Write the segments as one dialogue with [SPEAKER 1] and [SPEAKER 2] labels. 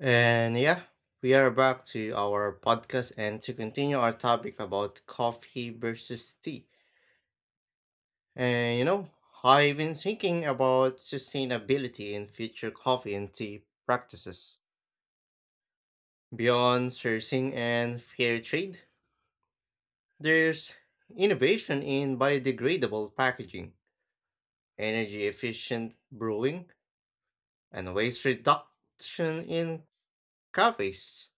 [SPEAKER 1] And yeah, we are back to our podcast and to continue our topic about coffee versus tea. And you know, I've been thinking about sustainability in future coffee and tea practices. Beyond sourcing and fair trade, there's innovation in biodegradable packaging, energy efficient brewing, and waste reduction in cafes.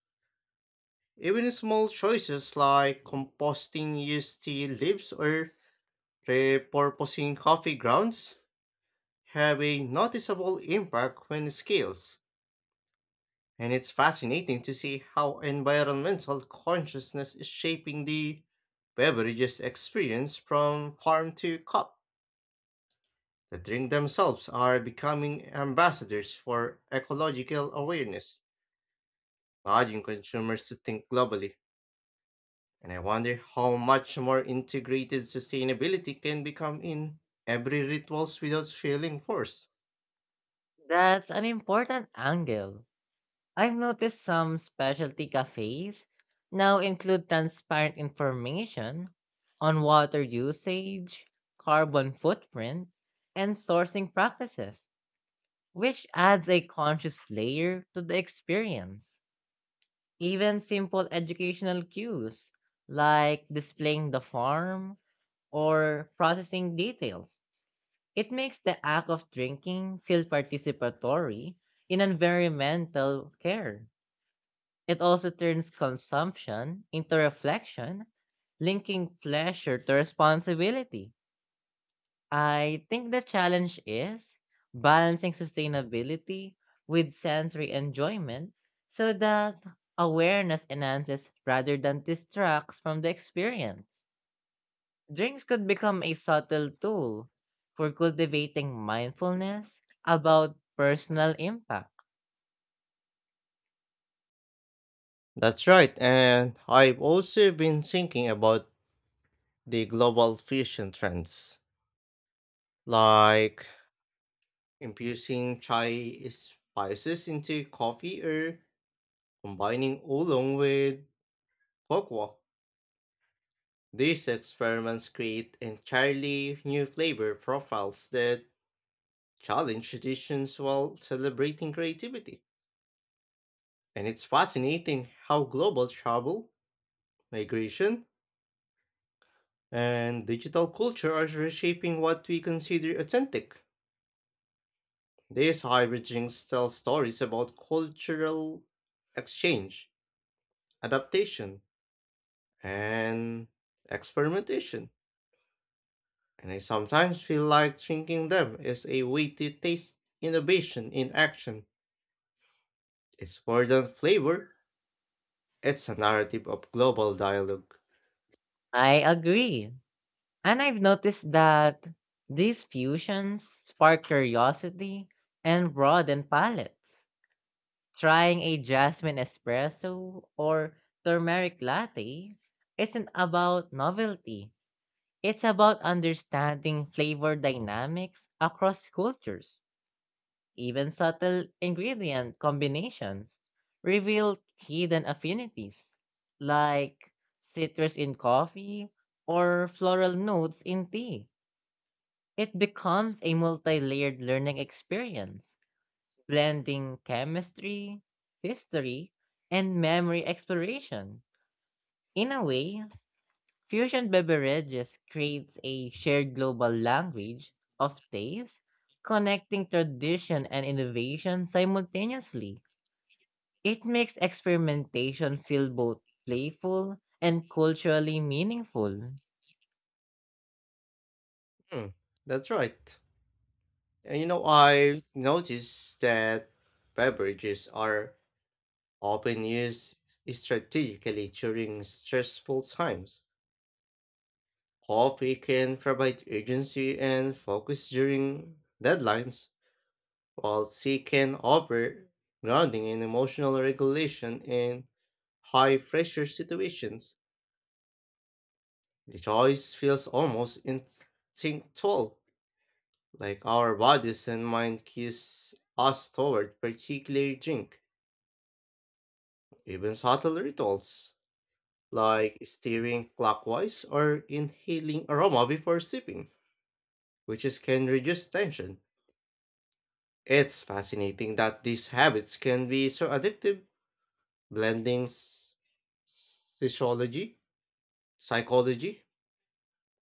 [SPEAKER 1] Even small choices like composting used tea leaves or repurposing coffee grounds have a noticeable impact when scaled. And it's fascinating to see how environmental consciousness is shaping the beverages experience from farm to cup. The drink themselves are becoming ambassadors for ecological awareness, nudging consumers to think globally. And I wonder how much more integrated sustainability can become in every rituals without feeling forced.
[SPEAKER 2] That's an important angle. I've noticed some specialty cafes now include transparent information on water usage, carbon footprint, and sourcing practices, which adds a conscious layer to the experience. Even simple educational cues like displaying the farm or processing details it makes the act of drinking feel participatory in environmental care. It also turns consumption into reflection, linking pleasure to responsibility. I think the challenge is balancing sustainability with sensory enjoyment so that awareness enhances rather than distracts from the experience. Drinks could become a subtle tool for cultivating mindfulness about personal impact.
[SPEAKER 1] That's right, and I've also been thinking about the global fusion trends, like infusing chai spices into coffee or combining oolong with cocoa. These experiments create entirely new flavor profiles that challenge traditions while celebrating creativity. And it's fascinating how global travel, migration, and digital culture are reshaping what we consider authentic. These hybrid drinks tell stories about cultural exchange, adaptation, and experimentation. And I sometimes feel like drinking them is a way to taste innovation in action. It's more than flavor, it's a narrative of global dialogue.
[SPEAKER 2] I agree. And I've noticed that these fusions spark curiosity and broaden palates. Trying a jasmine espresso or turmeric latte isn't about novelty, it's about understanding flavor dynamics across cultures. Even subtle ingredient combinations reveal hidden affinities, like citrus in coffee or floral notes in tea. It becomes a multi layered learning experience, blending chemistry, history, and memory exploration. In a way, fusion beverages creates a shared global language of taste, connecting tradition and innovation simultaneously. It makes experimentation feel both playful and culturally meaningful.
[SPEAKER 1] Hmm, that's right. And you know, I noticed that beverages are often used strategically during stressful times. Coffee can provide urgency and focus during deadlines, while tea can offer grounding and emotional regulation in high pressure situations. The choice feels almost instinctual, like our bodies and mind cues us toward particular drink. Even subtle rituals, like steering clockwise or inhaling aroma before sipping, which is, can reduce tension. It's fascinating that these habits can be so addictive, blending sociology, psychology,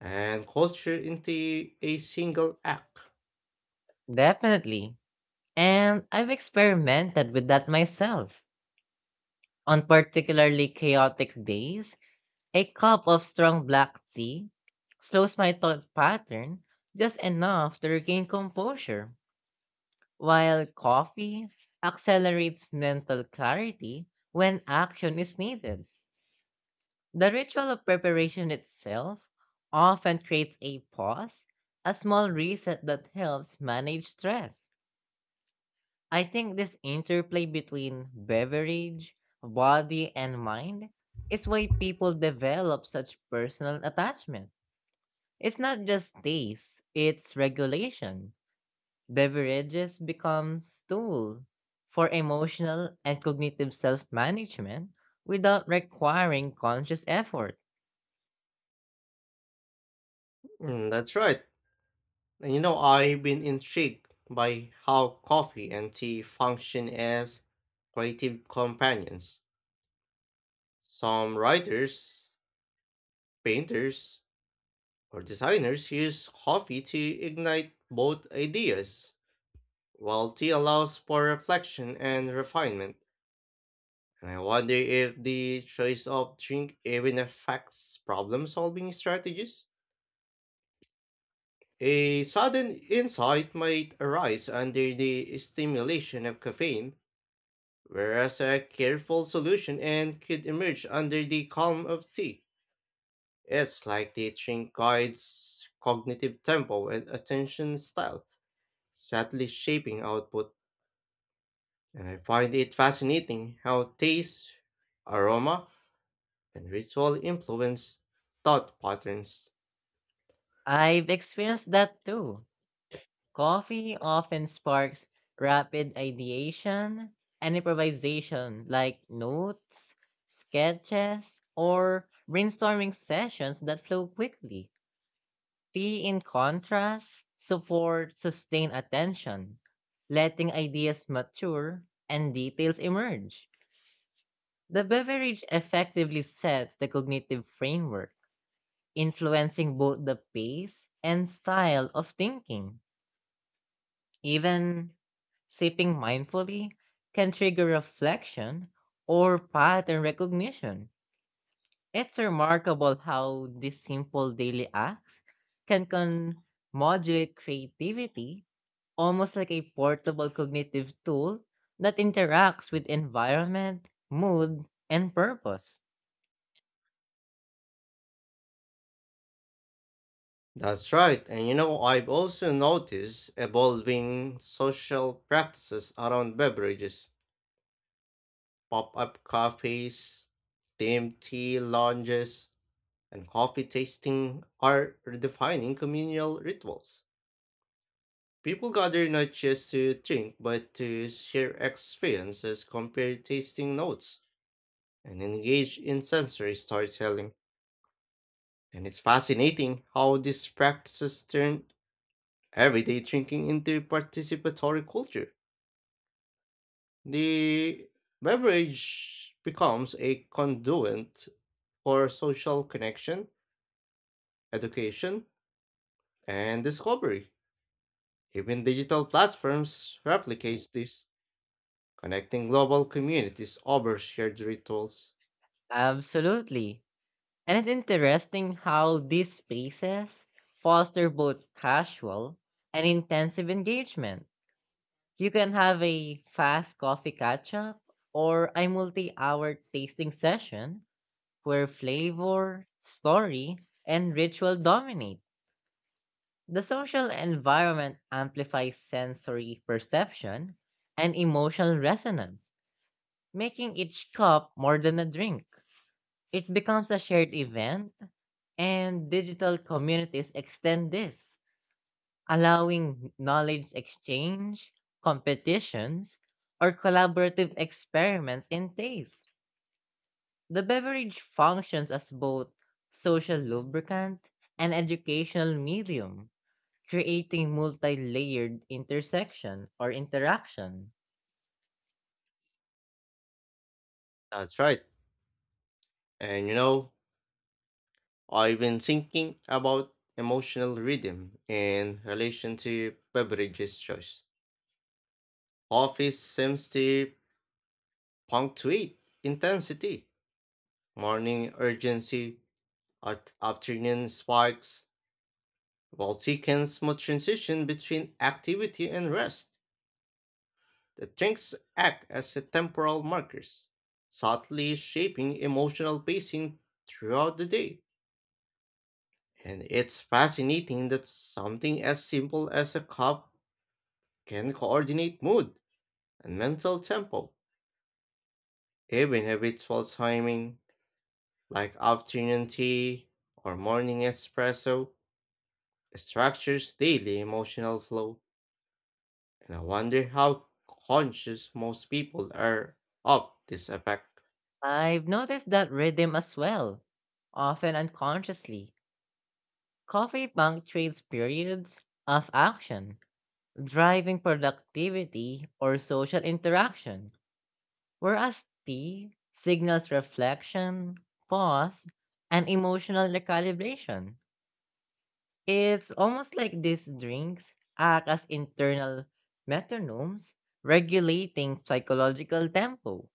[SPEAKER 1] and culture into a single act.
[SPEAKER 2] Definitely. And I've experimented with that myself. On particularly chaotic days, a cup of strong black tea slows my thought pattern just enough to regain composure, while coffee accelerates mental clarity when action is needed. The ritual of preparation itself often creates a pause, a small reset that helps manage stress. I think this interplay between beverage, body, and mind is why people develop such personal attachment. It's not just taste, it's regulation. Beverages becomes tool for emotional and cognitive self-management without requiring conscious effort.
[SPEAKER 1] That's right. And you know, I've been intrigued by how coffee and tea function as creative companions. Some writers, painters, or designers use coffee to ignite both ideas, while tea allows for reflection and refinement. And I wonder if the choice of drink even affects problem solving strategies. A sudden insight might arise under the stimulation of caffeine, whereas a careful solution and could emerge under the calm of tea. It's like the drink guides cognitive tempo and attention style. Subtly shaping output, and I find it fascinating how taste, aroma, and ritual influence thought patterns.
[SPEAKER 2] I've experienced that too. Coffee often sparks rapid ideation and improvisation, like notes, sketches, or brainstorming sessions that flow quickly. Tea, in contrast, support sustained attention, letting ideas mature and details emerge. The beverage effectively sets the cognitive framework, influencing both the pace and style of thinking. Even sipping mindfully can trigger reflection or pattern recognition. It's remarkable how these simple daily acts can modulate creativity almost like a portable cognitive tool that interacts with environment, mood, and purpose.
[SPEAKER 1] That's right, and you know, I've also noticed evolving social practices around beverages, pop up cafes, themed tea lounges, and coffee tasting are redefining communal rituals. People gather not just to drink, but to share experiences, compare tasting notes, and engage in sensory storytelling. And it's fascinating how these practices turn everyday drinking into participatory culture. The beverage becomes a conduit for social connection, education, and discovery. Even digital platforms replicate this, connecting global communities over shared rituals.
[SPEAKER 2] Absolutely. And it's interesting how these spaces foster both casual and intensive engagement. You can have a fast coffee catch up or a multi hour tasting session where flavor, story, and ritual dominate. The social environment amplifies sensory perception and emotional resonance, making each cup more than a drink. It becomes a shared event, and digital communities extend this, allowing knowledge exchange, competitions, or collaborative experiments in taste. The beverage functions as both social lubricant and educational medium, creating multi layered intersection or interaction.
[SPEAKER 1] That's right. And you know, I've been thinking about emotional rhythm in relation to beverages choice. Coffee seems to punctuate intensity, morning urgency, afternoon spikes, while tea can smooth transition between activity and rest. The drinks act as a temporal markers, subtly shaping emotional pacing throughout the day. And it's fascinating that something as simple as a cup can coordinate mood and mental tempo. Even habitual timing, like afternoon tea or morning espresso, structures daily emotional flow. And I wonder how conscious most people are of this effect.
[SPEAKER 2] I've noticed that rhythm as well, often unconsciously. Coffee punctuates periods of action, driving productivity or social interaction. Whereas T signals reflection, pause, and emotional recalibration. It's almost like these drinks act as internal metronomes regulating psychological tempo.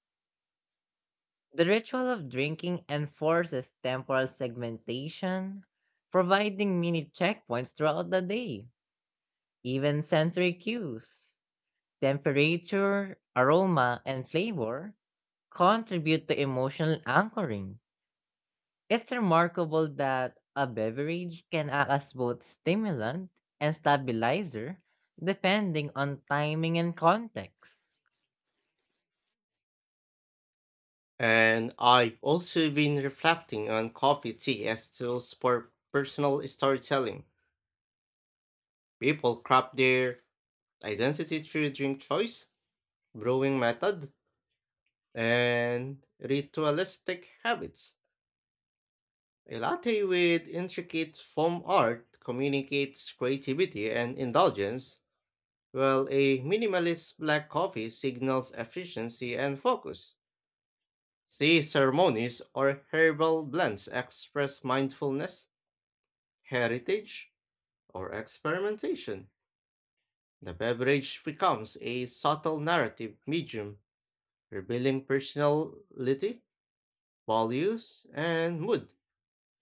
[SPEAKER 2] The ritual of drinking enforces temporal segmentation, providing mini checkpoints throughout the day, even sensory cues. Temperature, aroma, and flavor contribute to emotional anchoring. It's remarkable that a beverage can act as both stimulant and stabilizer depending on timing and context.
[SPEAKER 1] And I've also been reflecting on coffee tea as tools for personal storytelling. People craft their identity through drink choice, brewing method, and ritualistic habits. A latte with intricate foam art communicates creativity and indulgence, while a minimalist black coffee signals efficiency and focus. Tea ceremonies or herbal blends express mindfulness, heritage, or experimentation. The beverage becomes a subtle narrative medium revealing personality, values, and mood.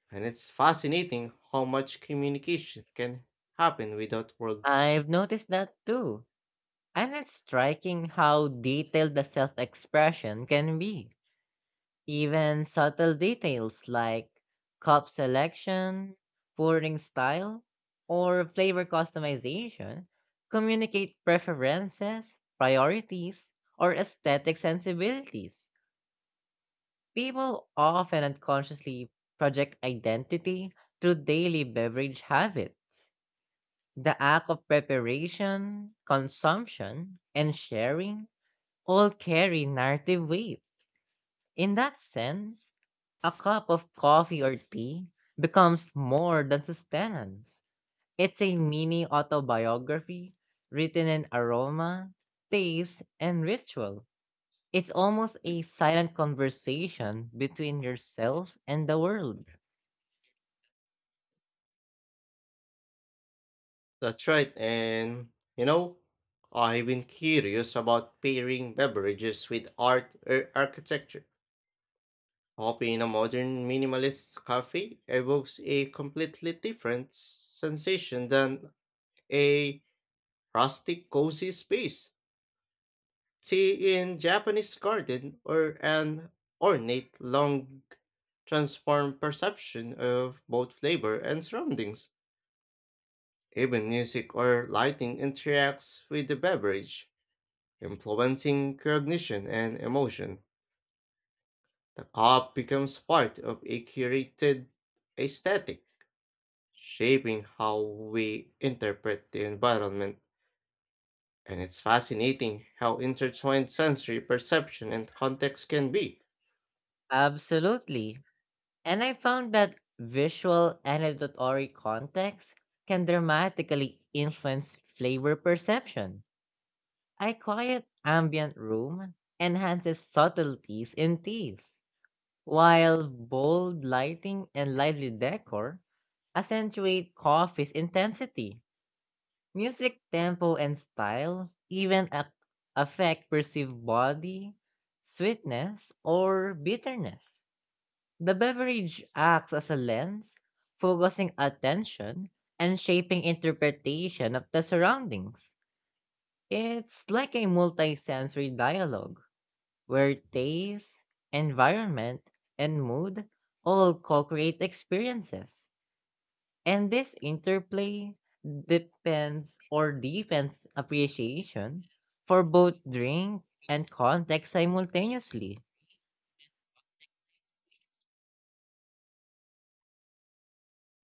[SPEAKER 1] And it's fascinating how much communication can happen without words.
[SPEAKER 2] I've noticed that too, and it's striking how detailed the self expression can be. Even subtle details like cup selection, pouring style, or flavor customization communicate preferences, priorities, or aesthetic sensibilities. People often unconsciously project identity through daily beverage habits. The act of preparation, consumption, and sharing all carry narrative weight. In that sense, a cup of coffee or tea becomes more than sustenance. It's a mini autobiography written in aroma, taste, and ritual. It's almost a silent conversation between yourself and the world.
[SPEAKER 1] That's right, and you know, I've been curious about pairing beverages with art or architecture. Coffee in a modern minimalist cafe evokes a completely different sensation than a rustic, cozy space. Tea in Japanese garden or an ornate long transform perception of both flavor and surroundings. Even music or lighting interacts with the beverage, influencing cognition and emotion. The cup becomes part of a curated aesthetic, shaping how we interpret the environment. And it's fascinating how intertwined sensory perception and context can be.
[SPEAKER 2] Absolutely. And I found that visual and auditory context can dramatically influence flavor perception. A quiet ambient room enhances subtleties in teas, while bold lighting and lively decor accentuate coffee's intensity. Music tempo and style even affect perceived body, sweetness, or bitterness. The beverage acts as a lens, focusing attention and shaping interpretation of the surroundings. It's like a multisensory dialogue where taste, environment, and mood all co create experiences. And this interplay depends or defense appreciation for both drink and context simultaneously.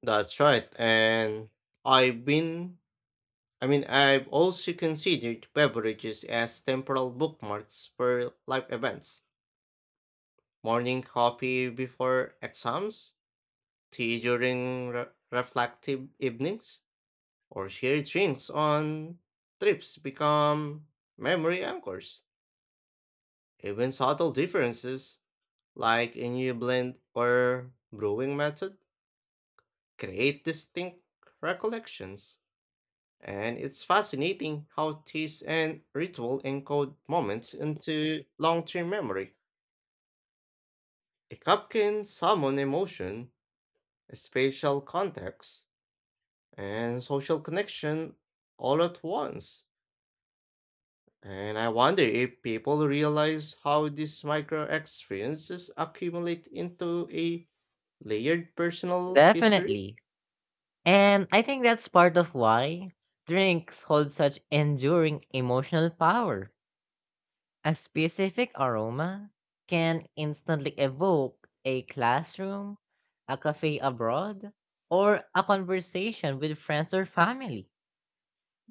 [SPEAKER 1] That's right, and I've been I mean I've also considered beverages as temporal bookmarks for life events. Morning coffee before exams, tea during reflective evenings, or shared drinks on trips become memory anchors. Even subtle differences, like a new blend or brewing method, create distinct recollections. And it's fascinating how taste and ritual encode moments into long term memory. A cup can summon emotion, spatial context, and social connection all at once. And I wonder if people realize how these micro experiences accumulate into a layered personal history.
[SPEAKER 2] Definitely. And I think that's part of why drinks hold such enduring emotional power. A specific aroma can instantly evoke a classroom, a cafe abroad, or a conversation with friends or family.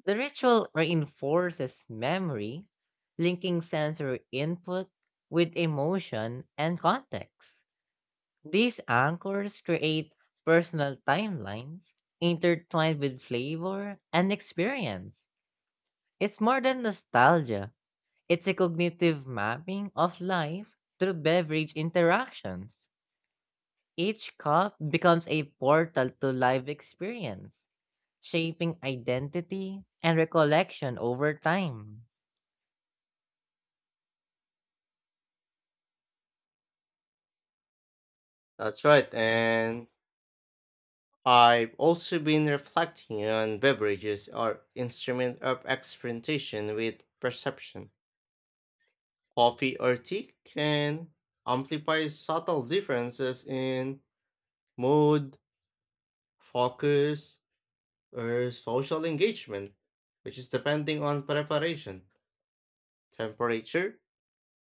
[SPEAKER 2] The ritual reinforces memory, linking sensory input with emotion and context. These anchors create personal timelines intertwined with flavor and experience. It's more than nostalgia, it's a cognitive mapping of life through beverage interactions. Each cup becomes a portal to life experience, shaping identity and recollection over time.
[SPEAKER 1] That's right, and I've also been reflecting on beverages or instrument of experimentation with perception. Coffee or tea can amplify subtle differences in mood, focus, or social engagement, which is depending on preparation, temperature,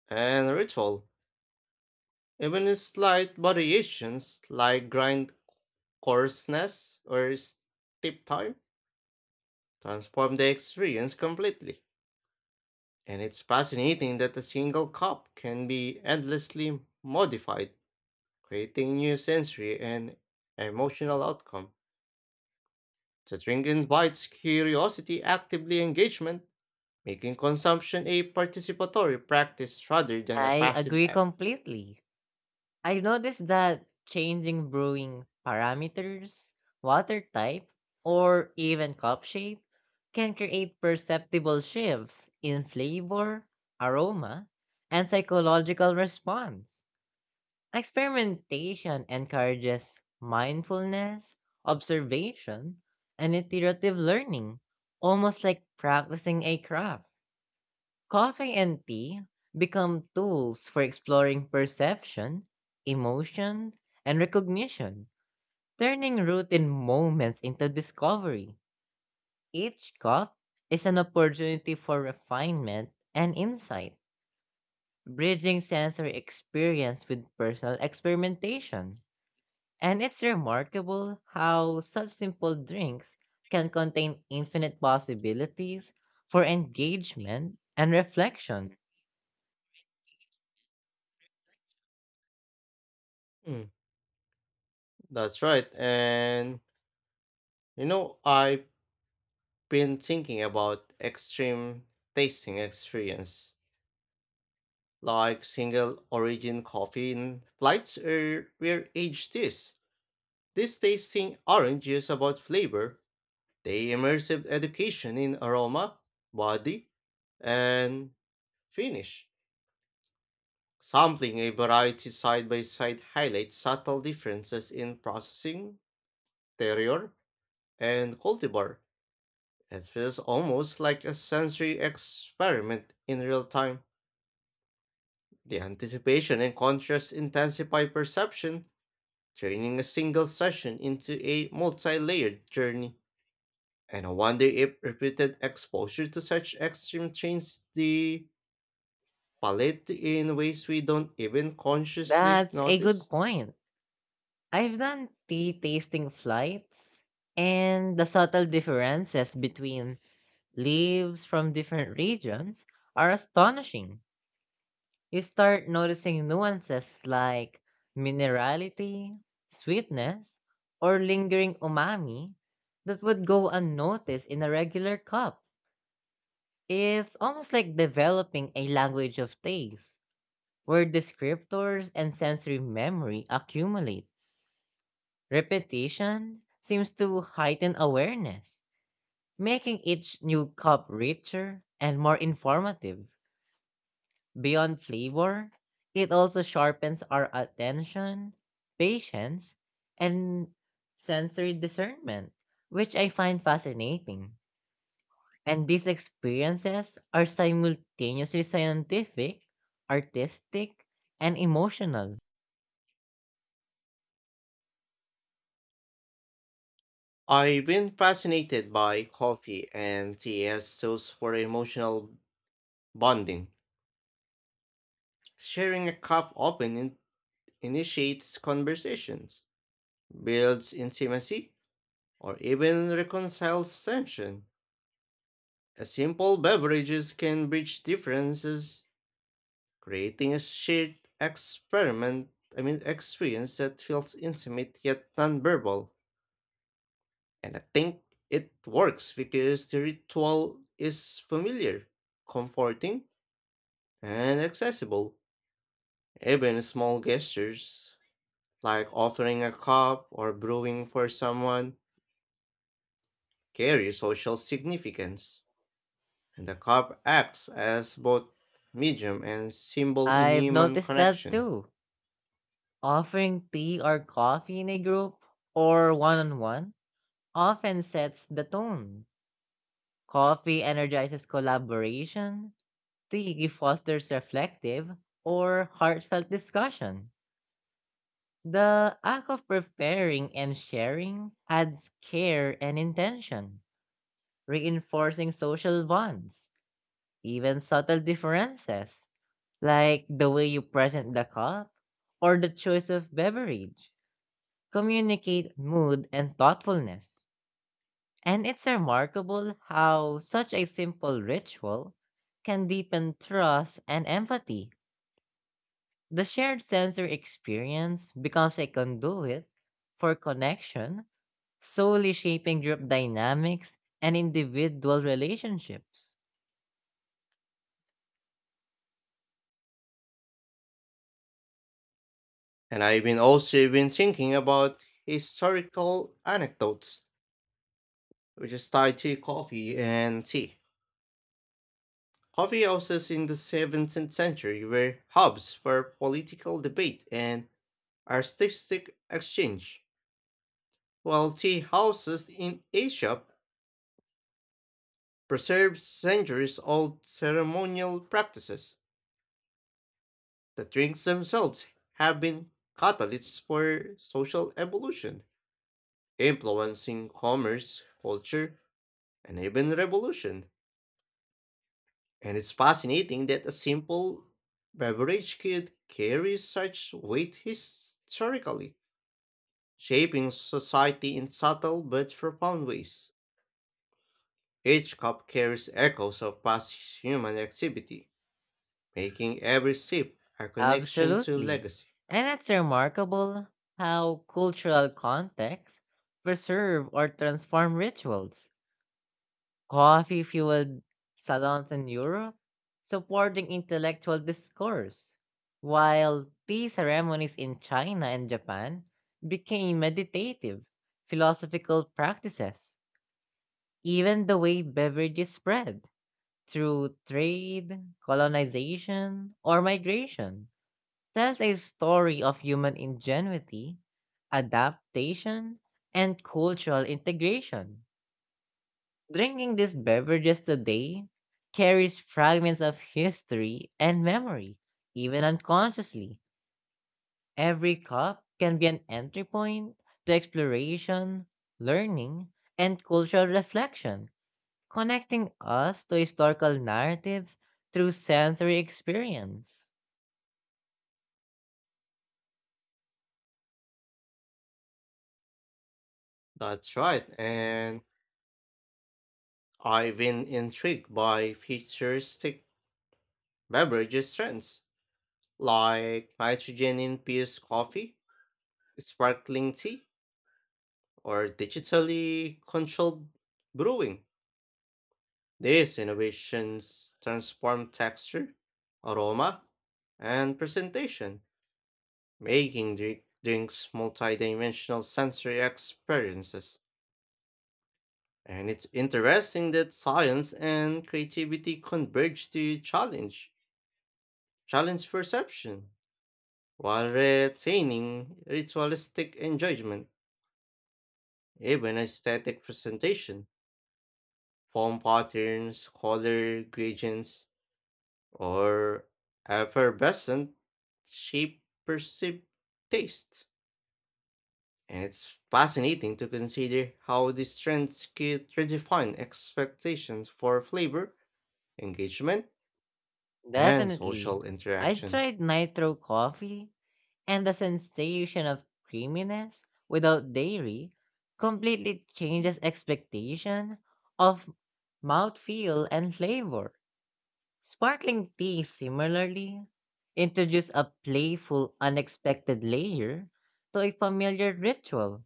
[SPEAKER 1] and ritual. Even in slight variations like grind coarseness or steep time transform the experience completely. And it's fascinating that a single cup can be endlessly modified, creating new sensory and emotional outcome. The drink invites curiosity, actively engagement, making consumption a participatory practice rather than a
[SPEAKER 2] I
[SPEAKER 1] passive
[SPEAKER 2] agree
[SPEAKER 1] act.
[SPEAKER 2] completely. I have noticed that changing brewing parameters, water type, or even cup shape can create perceptible shifts in flavor, aroma, and psychological response. Experimentation encourages mindfulness, observation, and iterative learning, almost like practicing a craft. Coffee and tea become tools for exploring perception, emotion, and recognition, turning routine moments into discovery. Each cup is an opportunity for refinement and insight, bridging sensory experience with personal experimentation. And it's remarkable how such simple drinks can contain infinite possibilities for engagement and reflection.
[SPEAKER 1] Mm, that's right. And you know, I've been thinking about extreme tasting experience, like single origin coffee in flights or where aged is. This tasting orange is about flavor, they immersive education in aroma, body, and finish. Sampling a variety side by side highlights subtle differences in processing, terroir, and cultivar. It feels almost like a sensory experiment in real time. The anticipation and contrast intensify perception, turning a single session into a multi layered journey. And I wonder if repeated exposure to such extreme changes the palate in ways we don't even consciously
[SPEAKER 2] That's a
[SPEAKER 1] notice.
[SPEAKER 2] good point. I've done tea tasting flights, and the subtle differences between leaves from different regions are astonishing. You start noticing nuances like minerality, sweetness, or lingering umami that would go unnoticed in a regular cup. It's almost like developing a language of taste, where descriptors and sensory memory accumulate. Repetition seems to heighten awareness, making each new cup richer and more informative. Beyond flavor, it also sharpens our attention, patience, and sensory discernment, which I find fascinating. And these experiences are simultaneously scientific, artistic, and emotional.
[SPEAKER 1] I've been fascinated by coffee and tea as tools for emotional bonding. Sharing a cup often initiates conversations, builds intimacy, or even reconciles tension. A simple beverages can bridge differences, creating a shared experiment I mean experience that feels intimate yet nonverbal. And I think it works because the ritual is familiar, comforting, and accessible. Even small gestures, like offering a cup or brewing for someone, carry social significance, and the cup acts as both medium and symbol in
[SPEAKER 2] I've
[SPEAKER 1] human
[SPEAKER 2] noticed that
[SPEAKER 1] connection.
[SPEAKER 2] too. Offering tea or coffee in a group or one on one often sets the tone. Coffee energizes collaboration, tea fosters reflective or heartfelt discussion. The act of preparing and sharing adds care and intention, reinforcing social bonds, even subtle differences, like the way you present the cup or the choice of beverage communicate mood and thoughtfulness. And it's remarkable how such a simple ritual can deepen trust and empathy. The shared sensory experience becomes a conduit for connection, solely shaping group dynamics and individual relationships.
[SPEAKER 1] And I've been also been thinking about historical anecdotes, which is tied to coffee and tea. Coffee houses in the 17th century were hubs for political debate and artistic exchange, while tea houses in Asia preserved centuries-old ceremonial practices. The drinks themselves have been catalysts for social evolution, influencing commerce, culture, and even revolution. And it's fascinating that a simple beverage could carry such weight historically, shaping society in subtle but profound ways. Each cup carries echoes of past human activity, making every sip a connection to
[SPEAKER 2] Absolutely.
[SPEAKER 1] legacy.
[SPEAKER 2] And it's remarkable how cultural contexts preserve or transform rituals coffee-fueled salons in Europe, supporting intellectual discourse, while tea ceremonies in China and Japan became meditative, philosophical practices. Even the way beverages spread through trade, colonization, or migration tells a story of human ingenuity, adaptation, and cultural integration. Drinking these beverages today carries fragments of history and memory, even unconsciously. Every cup can be an entry point to exploration, learning, and cultural reflection, connecting us to historical narratives through sensory experience.
[SPEAKER 1] That's right, and I've been intrigued by futuristic beverages trends like nitrogen infused coffee, sparkling tea, or digitally controlled brewing. These innovations transform texture, aroma, and presentation, making drinks multidimensional sensory experiences. And it's interesting that science and creativity converge to challenge perception, while retaining ritualistic enjoyment, even aesthetic presentation, form patterns, color gradients, or effervescent shape perceived taste. And it's fascinating to consider how these trends could redefine expectations for flavor, engagement, and
[SPEAKER 2] Definitely.
[SPEAKER 1] social
[SPEAKER 2] I
[SPEAKER 1] interaction.
[SPEAKER 2] tried nitro coffee. And the sensation of creaminess without dairy completely changes expectation of mouthfeel and flavor. Sparkling tea similarly introduce a playful, unexpected layer to a familiar ritual.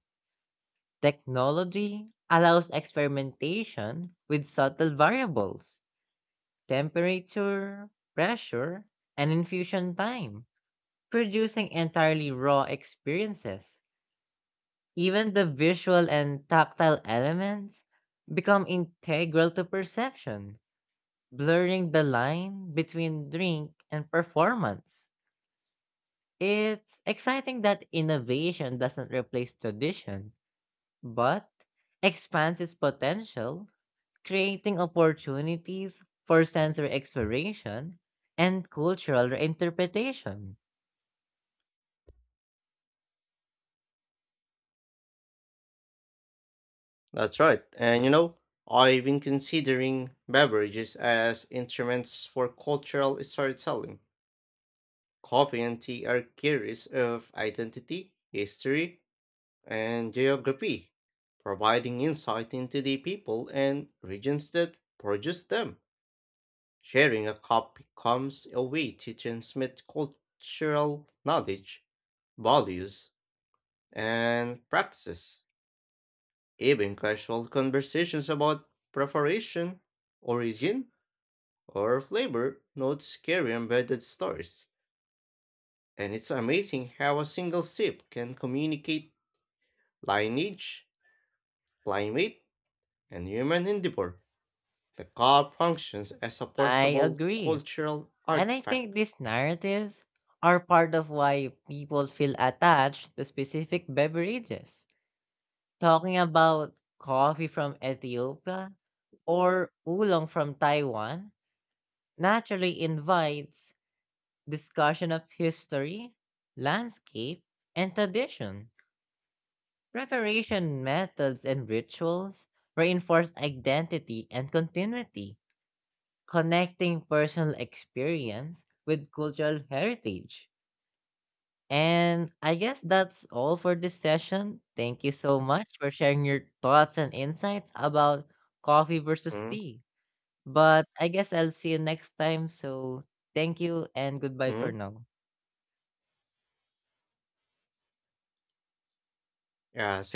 [SPEAKER 2] Technology allows experimentation with subtle variables, temperature, pressure, and infusion time, producing entirely raw experiences. Even the visual and tactile elements become integral to perception, blurring the line between drink and performance. It's exciting that innovation doesn't replace tradition, but expands its potential, creating opportunities for sensory exploration and cultural reinterpretation.
[SPEAKER 1] That's right. And you know, I've been considering beverages as instruments for cultural storytelling. Coffee and tea are carriers of identity, history, and geography, providing insight into the people and regions that produce them. Sharing a cup becomes a way to transmit cultural knowledge, values, and practices. Even casual conversations about preparation, origin, or flavor notes carry embedded stories. And it's amazing how a single sip can communicate lineage, climate, and human endeavor. The car functions as a
[SPEAKER 2] I
[SPEAKER 1] portable
[SPEAKER 2] agree.
[SPEAKER 1] cultural
[SPEAKER 2] And I think
[SPEAKER 1] artifact.
[SPEAKER 2] these narratives are part of why people feel attached to specific beverages. Talking about coffee from Ethiopia or oolong from Taiwan naturally invites discussion of history, landscape, and tradition. Preparation methods and rituals reinforce identity and continuity, connecting personal experience with cultural heritage. And I guess that's all for this session. Thank you so much for sharing your thoughts and insights about coffee versus tea. But I guess I'll see you next time. So thank you and goodbye for
[SPEAKER 1] Mm-hmm.
[SPEAKER 2] now.
[SPEAKER 1] Yeah, see